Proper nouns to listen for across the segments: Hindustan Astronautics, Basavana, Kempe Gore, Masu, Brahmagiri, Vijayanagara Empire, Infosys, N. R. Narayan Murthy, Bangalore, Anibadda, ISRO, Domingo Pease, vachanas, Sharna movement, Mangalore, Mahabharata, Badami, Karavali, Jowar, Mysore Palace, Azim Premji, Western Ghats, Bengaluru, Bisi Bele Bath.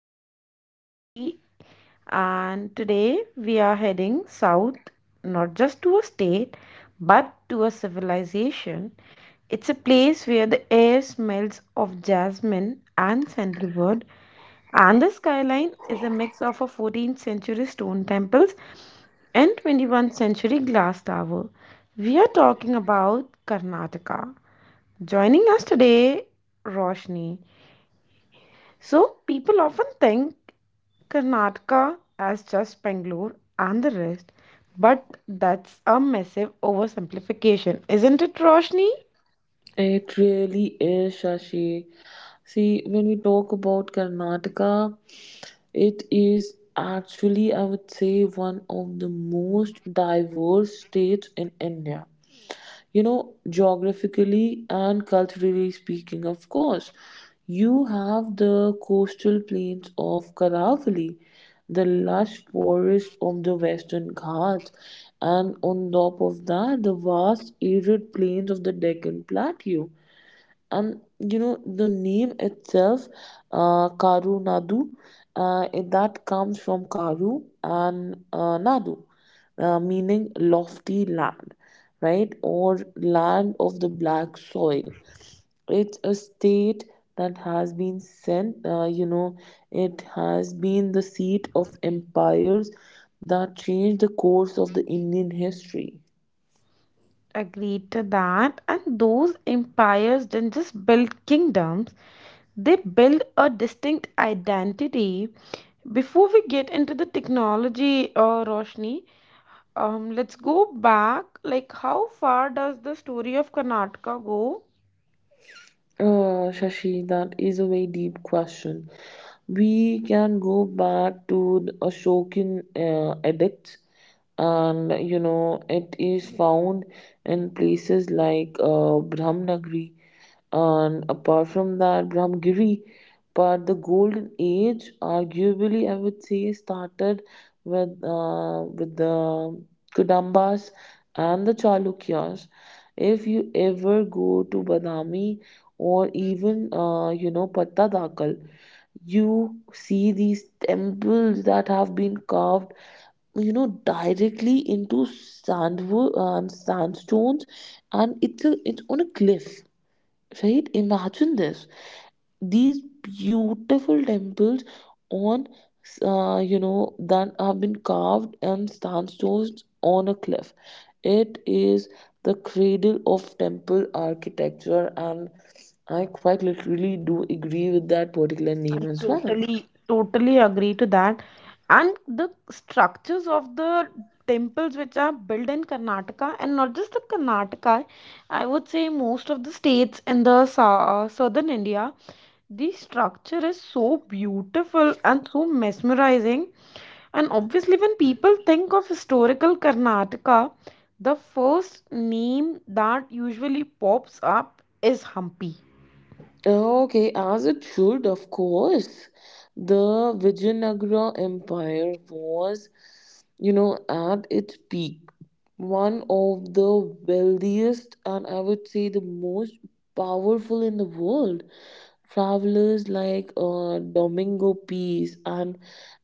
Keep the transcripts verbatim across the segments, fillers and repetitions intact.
I'm your host Shashi, and today we are heading south, not just to a state, but to a civilization. It's a place where the air smells of jasmine and sandalwood, and the skyline is a mix of a fourteenth century stone temples and twenty-first century glass tower. We are talking about Karnataka. Joining us today, Roshni. So, people often think Karnataka as just Bangalore and the rest, but that's a massive oversimplification, isn't it, Roshni? It really is, Shashi. See, when we talk about Karnataka, it is actually, I would say, one of the most diverse states in India. You know, geographically and culturally speaking, of course, you have the coastal plains of Karavali, the lush forests of the Western Ghats, and on top of that, the vast arid plains of the Deccan Plateau. And you know the name itself, uh, karu nadu, uh, it- that comes from karu and uh, nadu, uh, meaning lofty land, right, or land of the black soil. It's a state that has been sent, uh, you know it has been the seat of empires that changed the course of the Indian history. Agreed to that. And those empires didn't just build kingdoms, they build a distinct identity. Before we get into the technology, uh, Roshni, Um, let's go back. Like, how far does the story of Karnataka go? Oh, Shashi, that is a very deep question. We can go back to the Ashokan uh, edicts, and you know, it is found in places like uh, Brahmanagari, and apart from that, Brahmagiri. But the golden age, arguably, I would say, started with uh, with the Kadambas and the Chalukyas. If you ever go to Badami, or even uh, you know Pattadakal, you see these temples that have been carved, you know, directly into sand, uh, sandstones, and it's a, it's on a cliff. Right, imagine this, these beautiful temples on, uh, you know, that have been carved and sandstones on a cliff. It is the cradle of temple architecture, and I quite literally do agree with that particular name I as well. totally, totally agree to that. And the structures of the temples which are built in Karnataka, and not just the Karnataka, I would say most of the states in the sou- southern India, the structure is so beautiful and so mesmerizing. And obviously, when people think of historical Karnataka, the first name that usually pops up is Hampi. Okay, as it should, of course. The Vijayanagara Empire was, you know, at its peak, one of the wealthiest and I would say the most powerful in the world. Travelers like uh, Domingo Pease and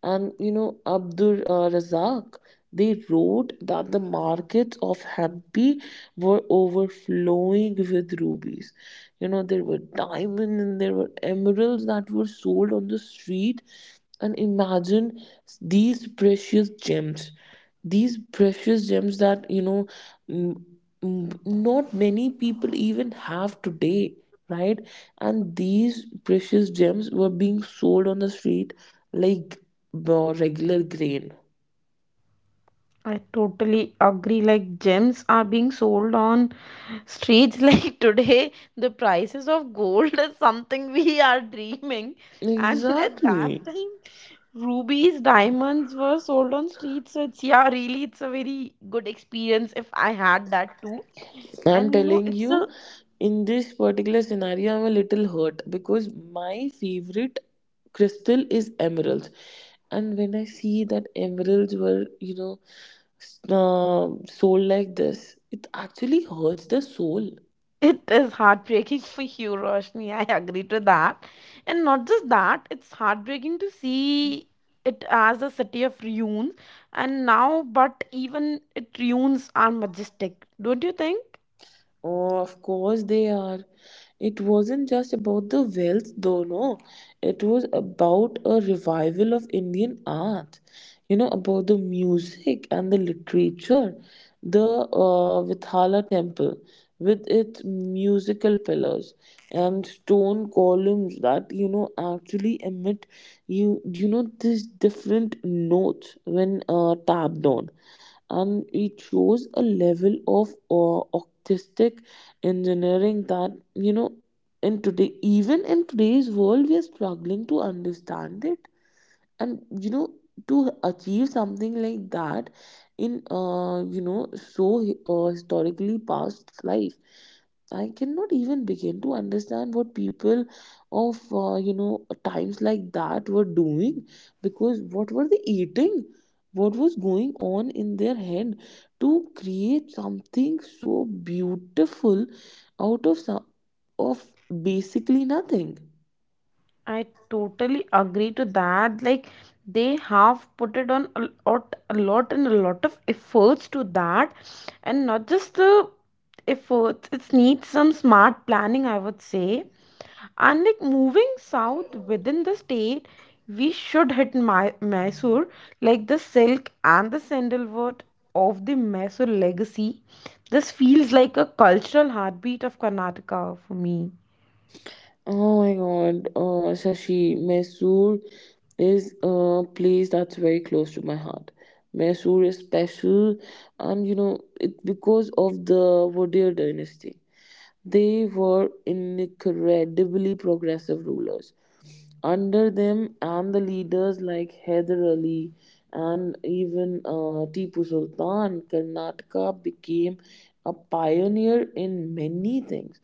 and you know Abdur uh, Razak, they wrote that the markets of Hampi were overflowing with rubies. You know, there were diamonds and there were emeralds that were sold on the street, and imagine these precious gems, these precious gems that you know, m- m- not many people even have today, right, and these precious gems were being sold on the street like uh, regular grain. I totally agree. Like, gems are being sold on streets. Like, today, the prices of gold is something we are dreaming. And at Exactly. that time, rubies, diamonds were sold on streets. So, it's, yeah, really, it's a very good experience if I had that too. I'm And you know, telling it's a. you, in this particular scenario, I'm a little hurt because my favorite crystal is emeralds. And when I see that emeralds were, you know, s- uh, sold like this, it actually hurts the soul. It is heartbreaking for you, Roshni. I agree to that. And not just that, it's heartbreaking to see it as a city of ruins. And now, but even it ruins are majestic, don't you think? Oh, of course they are. It wasn't just about the wealth, though, no. It was about a revival of Indian art, you know, about the music and the literature. The uh, Vithala temple, with its musical pillars and stone columns that, you know, actually emit, you, you know, these different notes when uh, tapped on, and it shows a level of uh, artistic engineering that, you know, in today even in today's world we are struggling to understand it and, you know, to achieve something like that in, uh, you know so uh, historically past life. I cannot even begin to understand what people of, uh, you know times like that were doing. Because what were they eating? What was going on in their head to create something so beautiful out of some, of basically nothing? I totally agree to that. Like they have put it on a lot, a lot and a lot of efforts to that, and not just the efforts. It needs some smart planning, I would say. And like moving south within the state, we should hit My- Mysore, like the silk and the sandalwood of the Mysore legacy. This feels like a cultural heartbeat of Karnataka for me. Oh my god, uh, Shashi, Mysore is a place that's very close to my heart. Mysore is special, and you know, it because of the Vodhir dynasty. They were incredibly progressive rulers. Under them, and the leaders like Hyder Ali and even uh, Tipu Sultan, Karnataka became a pioneer in many things.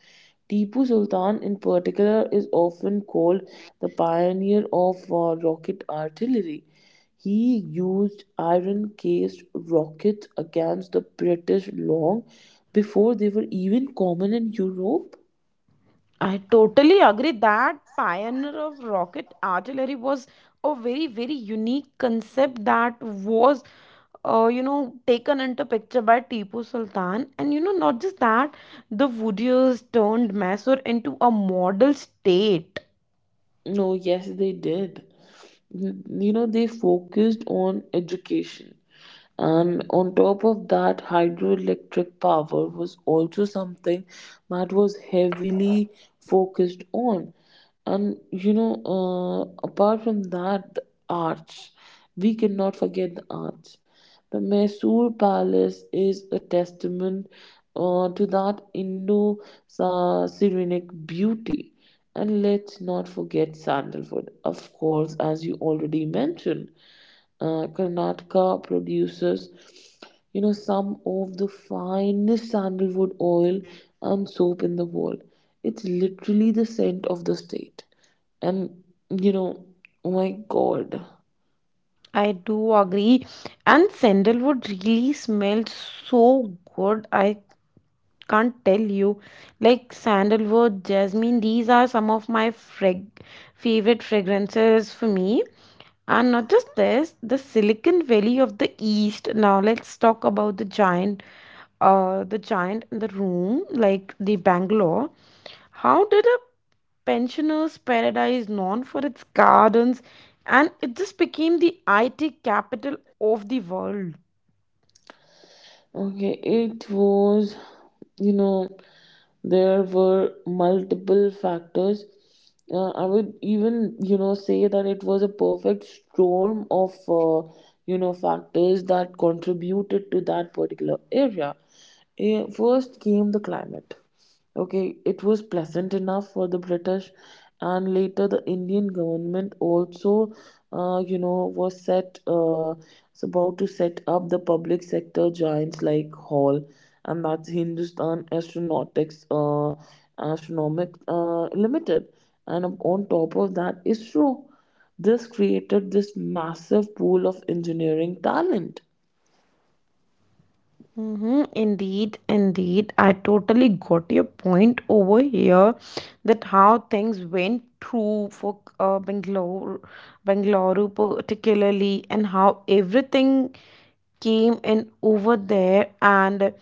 Tipu Sultan, in particular, is often called the pioneer of uh, rocket artillery. He used iron cased rockets against the British long before they were even common in Europe. I totally agree that pioneer of rocket artillery was a very very unique concept that was uh, you know taken into picture by Tipu Sultan, and you know not just that the Woodiers turned Mysore into a model state. No, yes, they did. N- You know, they focused on education. And on top of that, hydroelectric power was also something that was heavily focused on. And you know, uh, apart from that, the arts. We cannot forget the arts. The Mysore Palace is a testament uh, to that Indo-Saracenic beauty. And let's not forget sandalwood, of course, as you already mentioned. Uh, Karnataka produces, you know, some of the finest sandalwood oil and soap in the world. It's literally the scent of the state. And, you know, oh my God. I do agree, and sandalwood really smelled so good I can't tell you. Like sandalwood, jasmine, these are some of my frag- favorite fragrances for me. And not just this, the Silicon Valley of the East. Now let's talk about the giant, uh, the giant in the room, like the Bangalore. How did a pensioner's paradise known for its gardens, and it just became the I T capital of the world? Okay, it was, you know, there were multiple factors. Uh, I would even, you know, say that it was a perfect storm of, uh, you know, factors that contributed to that particular area. Eh, First came the climate. Okay, it was pleasant enough for the British, and later the Indian government also, uh, you know, was set, uh, was about to set up the public sector giants like Hall, and that's Hindustan Astronautics, uh, Astronomic, uh, Limited, and on top of that, ISRO. This created this massive pool of engineering talent. Mm-hmm, indeed, indeed. I totally got your point over here that how things went through for uh, Bangalore, Bangalore particularly, and how everything came in over there. And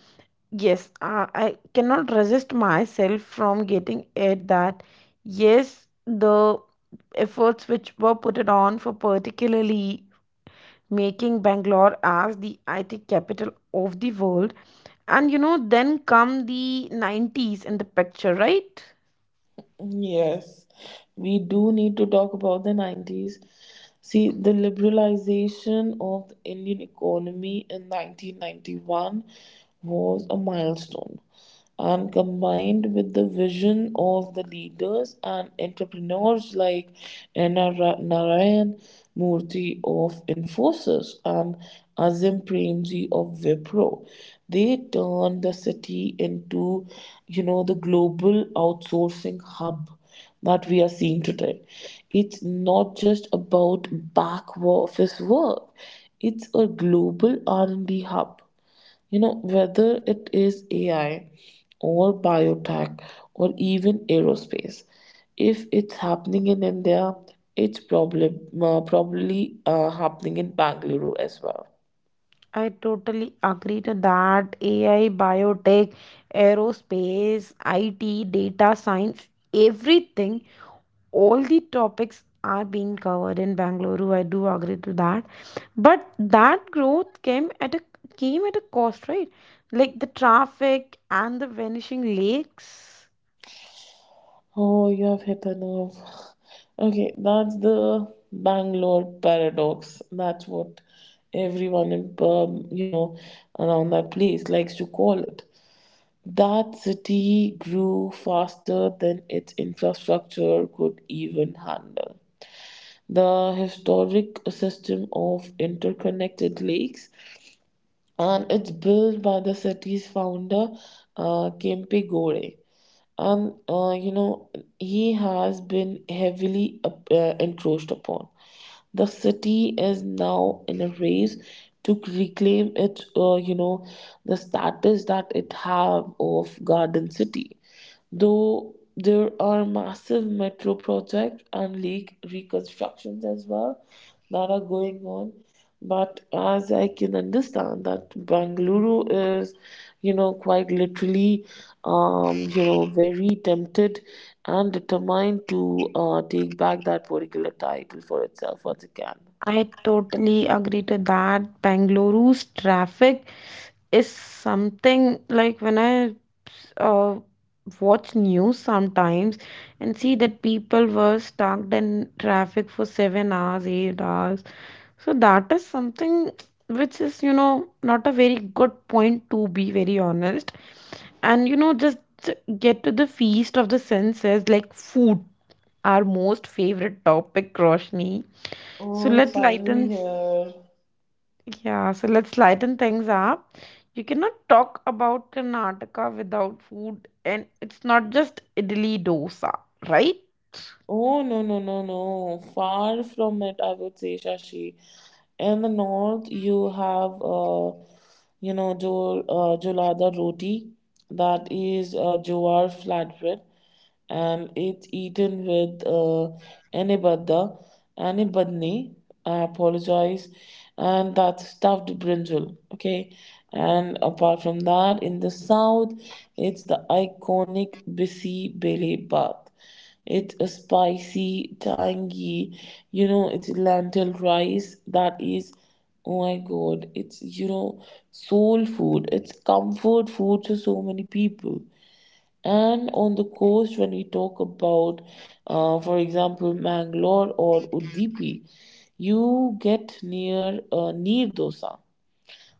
yes, I, I cannot resist myself from getting it that yes, the efforts which were put it on for particularly making Bangalore as the I T capital of the world, and you know, then come the nineties in the picture, right? Yes, we do need to talk about the nineties. See, the liberalization of the Indian economy in nineteen ninety-one was a milestone. And combined with the vision of the leaders and entrepreneurs like N. R. Narayan, Murthy of Infosys and Azim Premji of Wipro. They turned the city into, you know, the global outsourcing hub that we are seeing today. It's not just about back office work. It's a global R and D hub. You know, whether it is A I or biotech or even aerospace, if it's happening in India, it's probably, uh, probably uh, happening in Bangalore as well. I totally agree to that. A I, biotech, aerospace, I T, data science, everything, all the topics are being covered in Bangalore. I do agree to that. But that growth came at a came at a cost, right? Like the traffic and the vanishing lakes. Oh, you have hit a nerve. Okay, that's the Bangalore paradox. That's what everyone in, um, you know, around that place likes to call it. That city grew faster than its infrastructure could even handle. The historic system of interconnected lakes and it's built by the city's founder, uh, Kempe Gore. And uh, you know, he has been heavily uh, uh, encroached upon. The city is now in a race to reclaim its, uh, you know, the status that it have of garden city. Though there are massive metro projects and lake reconstructions as well that are going on, but as I can understand that Bangalore is, you know, quite literally, um, you know, very tempted and determined to uh, take back that particular title for itself once again. I totally agree to that. Bengaluru's traffic is something like when I uh, watch news sometimes and see that people were stuck in traffic for seven hours, eight hours. So that is something which is, you know, not a very good point to be very honest. And you know, just get to the feast of the senses like food, our most favorite topic, Roshni. So Oh, it's let's lighten, finally here. yeah, so let's lighten things up. You cannot talk about Karnataka without food, and it's not just idli dosa, right? Oh, no, no, no, no. Far from it, I would say, Shashi. In the north, you have, uh, you know, Jol, uh, Jolada roti, that is uh, Jowar flatbread, and it's eaten with uh, Anibadda, Anibadni, I apologize, and that's stuffed brinjal, okay? And apart from that, in the south, it's the iconic Bisi Bele Bath. It's a spicy, tangy, you know, it's lentil rice that is, oh my God, it's, you know, soul food. It's comfort food to so many people. And on the coast, when we talk about, uh, for example, Mangalore or Udupi, you get near uh, Neer Dosa,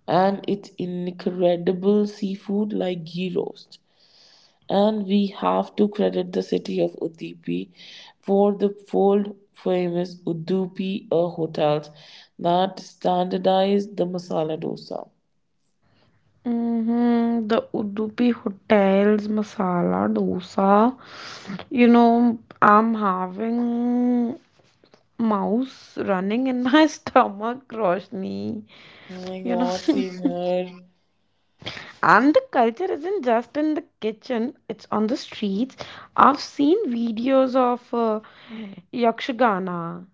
and it's incredible seafood like ghee roast. And we have to credit the city of Udupi for the world famous Udupi uh, hotels that standardized the masala dosa. Mm-hmm. The Udupi Hotel's masala dosa. You know, I'm having mouse running in my stomach, Roshni. Oh my You know, god, seen her. and the culture isn't just in the kitchen, it's on the streets. I've seen videos of uh, Yakshagana.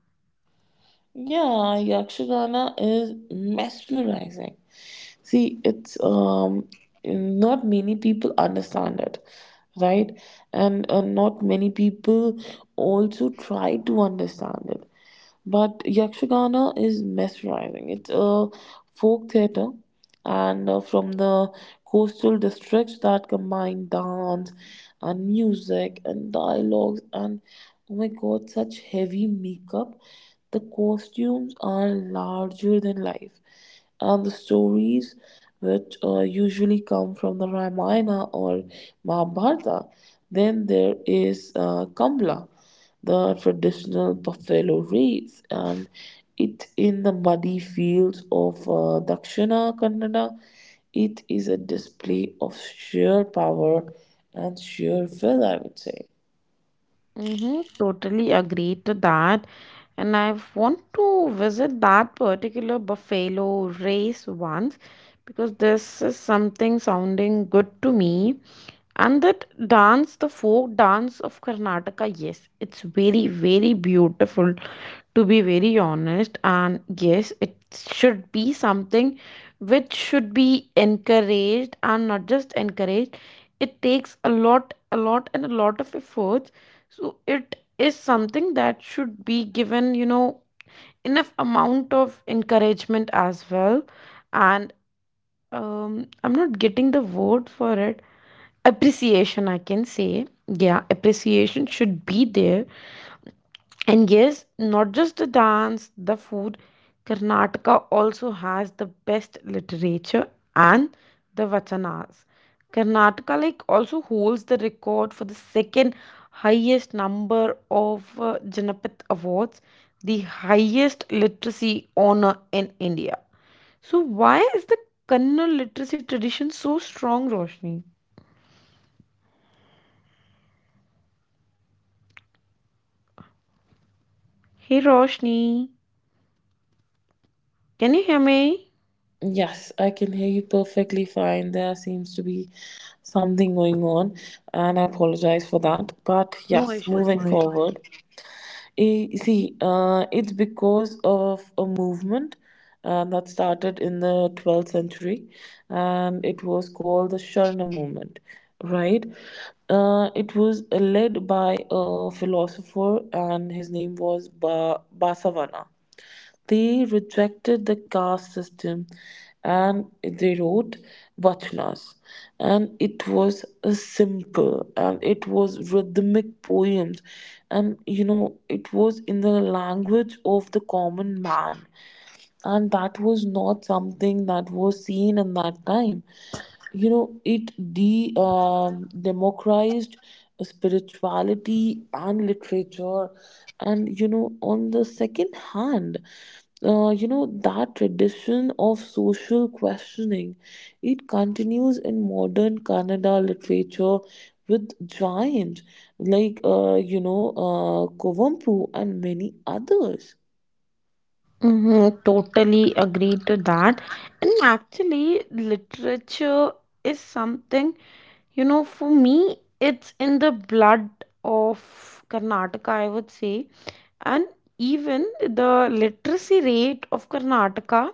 Yeah, Yakshagana is mesmerizing. See, it's, um, not many people understand it, right? And uh, not many people also try to understand it. But Yakshagana is mesmerizing. It's a folk theater and uh, from the coastal districts that combine dance and music and dialogues and oh my god, such heavy makeup. The costumes are larger than life and the stories which uh, usually come from the Ramayana or Mahabharata. Then there is uh, Kambla, the traditional buffalo race, and it in the muddy fields of uh, Dakshina Kannada. It is a display of sheer power and sheer will, I would say. Mm-hmm, totally agree to that. And I want to visit that particular buffalo race once because this is something sounding good to me. And that dance, the folk dance of Karnataka, yes, it's very, very beautiful to be very honest. And yes, it should be something which should be encouraged, and not just encouraged, it takes a lot, a lot and a lot of efforts, so it is something that should be given, you know, enough amount of encouragement as well. And um, I'm not getting the word for it, appreciation I can say, yeah, appreciation should be there. And yes, not just the dance, the food, Karnataka also has the best literature and the vachanas. Karnataka like also holds the record for the second highest number of uh, Janapat awards, the highest literacy honor in India. So why is the Kannada literacy tradition so strong, Roshni? Hey Roshni, can you hear me? Yes, I can hear you perfectly fine. There seems to be something going on, and I apologize for that. But No yes, issues, moving no issues. forward. Eh, See, uh, it's because of a movement uh, that started in the twelfth century, and it was called the Sharna movement, right? Uh, it was led by a philosopher, and his name was ba- Basavana. They rejected the caste system and they wrote Vachanas. And it was a simple and it was rhythmic poems. And you know, it was in the language of the common man, and that was not something that was seen in that time. You know, it de, um, democratized spirituality and literature. And you know, on the second hand, uh, you know that tradition of social questioning, it continues in modern Kannada literature with giants like, uh, you know uh, Kovampu and many others. Mhm, totally agree to that. And actually, literature is something, you know, for me, it's in the blood of Karnataka, I would say. And even the literacy rate of Karnataka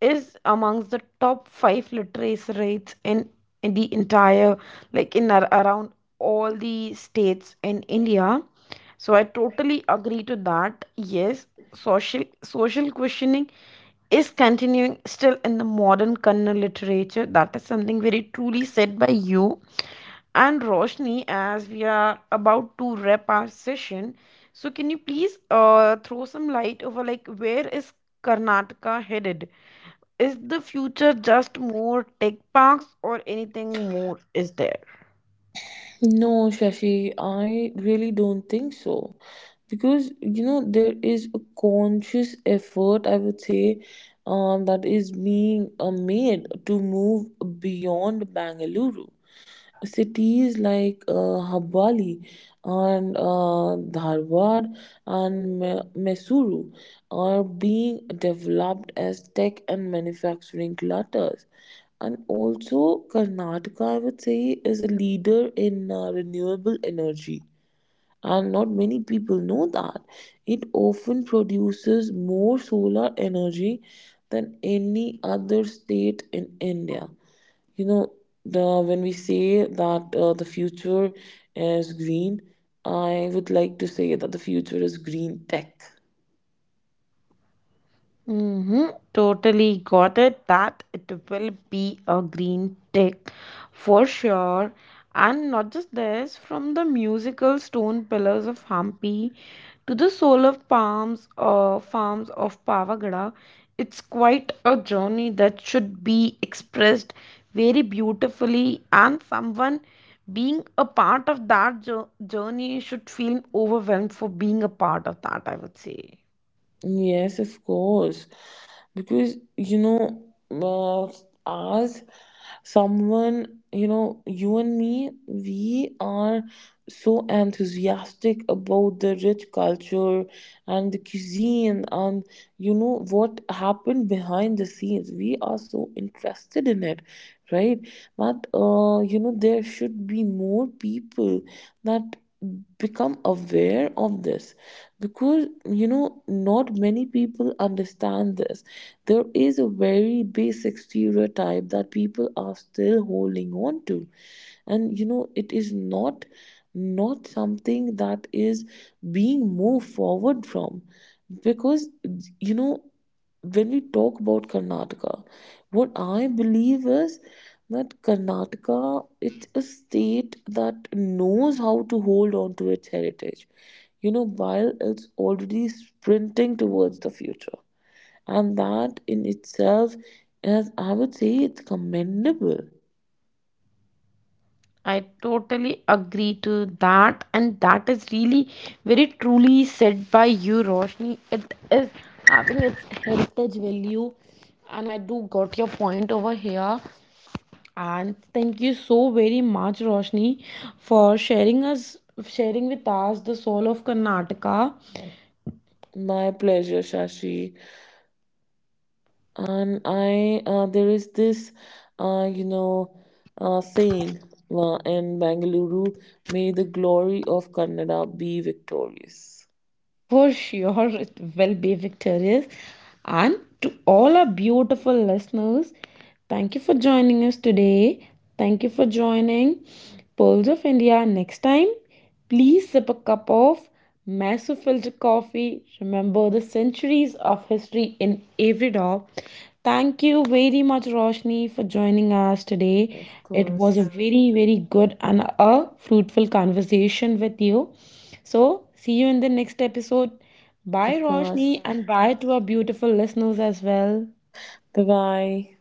is amongst the top five literacy rates in, in the entire, like in around all the states in India. So I totally agree to that. Yes, social social questioning is continuing still in the modern Kannada literature, that is something very truly said by you. And Roshni, as we are about to wrap our session, so can you please uh, throw some light over like where is Karnataka headed, is the future just more tech parks or anything more is there? No, Shashi, I really don't think so. Because, you know, there is a conscious effort, I would say, um, that is being uh, made to move beyond Bangalore. Cities like uh, Habali and uh, Dharwad and Me- Mesuru are being developed as tech and manufacturing clusters. And also, Karnataka, I would say, is a leader in uh, renewable energy. And not many people know that. It often produces more solar energy than any other state in India. You know, the, when we say that uh, the future is green, I would like to say that the future is green tech. Mm-hmm. Totally got it that it will be a green tick for sure. And not just this, from the musical stone pillars of Hampi to the solar palms uh, farms of Pavagada, it's quite a journey that should be expressed very beautifully. And someone being a part of that jour- journey should feel overwhelmed for being a part of that, I would say. Yes, of course. Because, you know, uh, as someone, you know, you and me, we are so enthusiastic about the rich culture and the cuisine and, you know, what happened behind the scenes. We are so interested in it, right? That, uh, you know, there should be more people that become aware of this. Because you know not many people understand this. There is a very basic stereotype that people are still holding on to, and you know, it is not not something that is being moved forward from. Because you know, when we talk about Karnataka, what I believe is that Karnataka, it's a state that knows how to hold on to its heritage. You know, while it's already sprinting towards the future. And that in itself is, I would say, it's commendable. I totally agree to that, and that is really very truly said by you, Roshni. It is having its heritage value, and I do got your point over here. And thank you so very much, Roshni, for sharing us sharing with us the soul of Karnataka. My pleasure, Shashi. And I, uh, there is this, uh, you know, uh, saying uh, in Bangalore, may the glory of Kannada be victorious. For sure, it will be victorious. And to all our beautiful listeners, thank you for joining us today. Thank you for joining Pulse of India next time. Please sip a cup of Masu filter coffee. Remember the centuries of history in every drop. Thank you very much, Roshni, for joining us today. Of It was a course. very, very good and a fruitful conversation with you. So, see you in the next episode. Bye, Of course. Roshni, and bye to our beautiful listeners as well. Bye bye.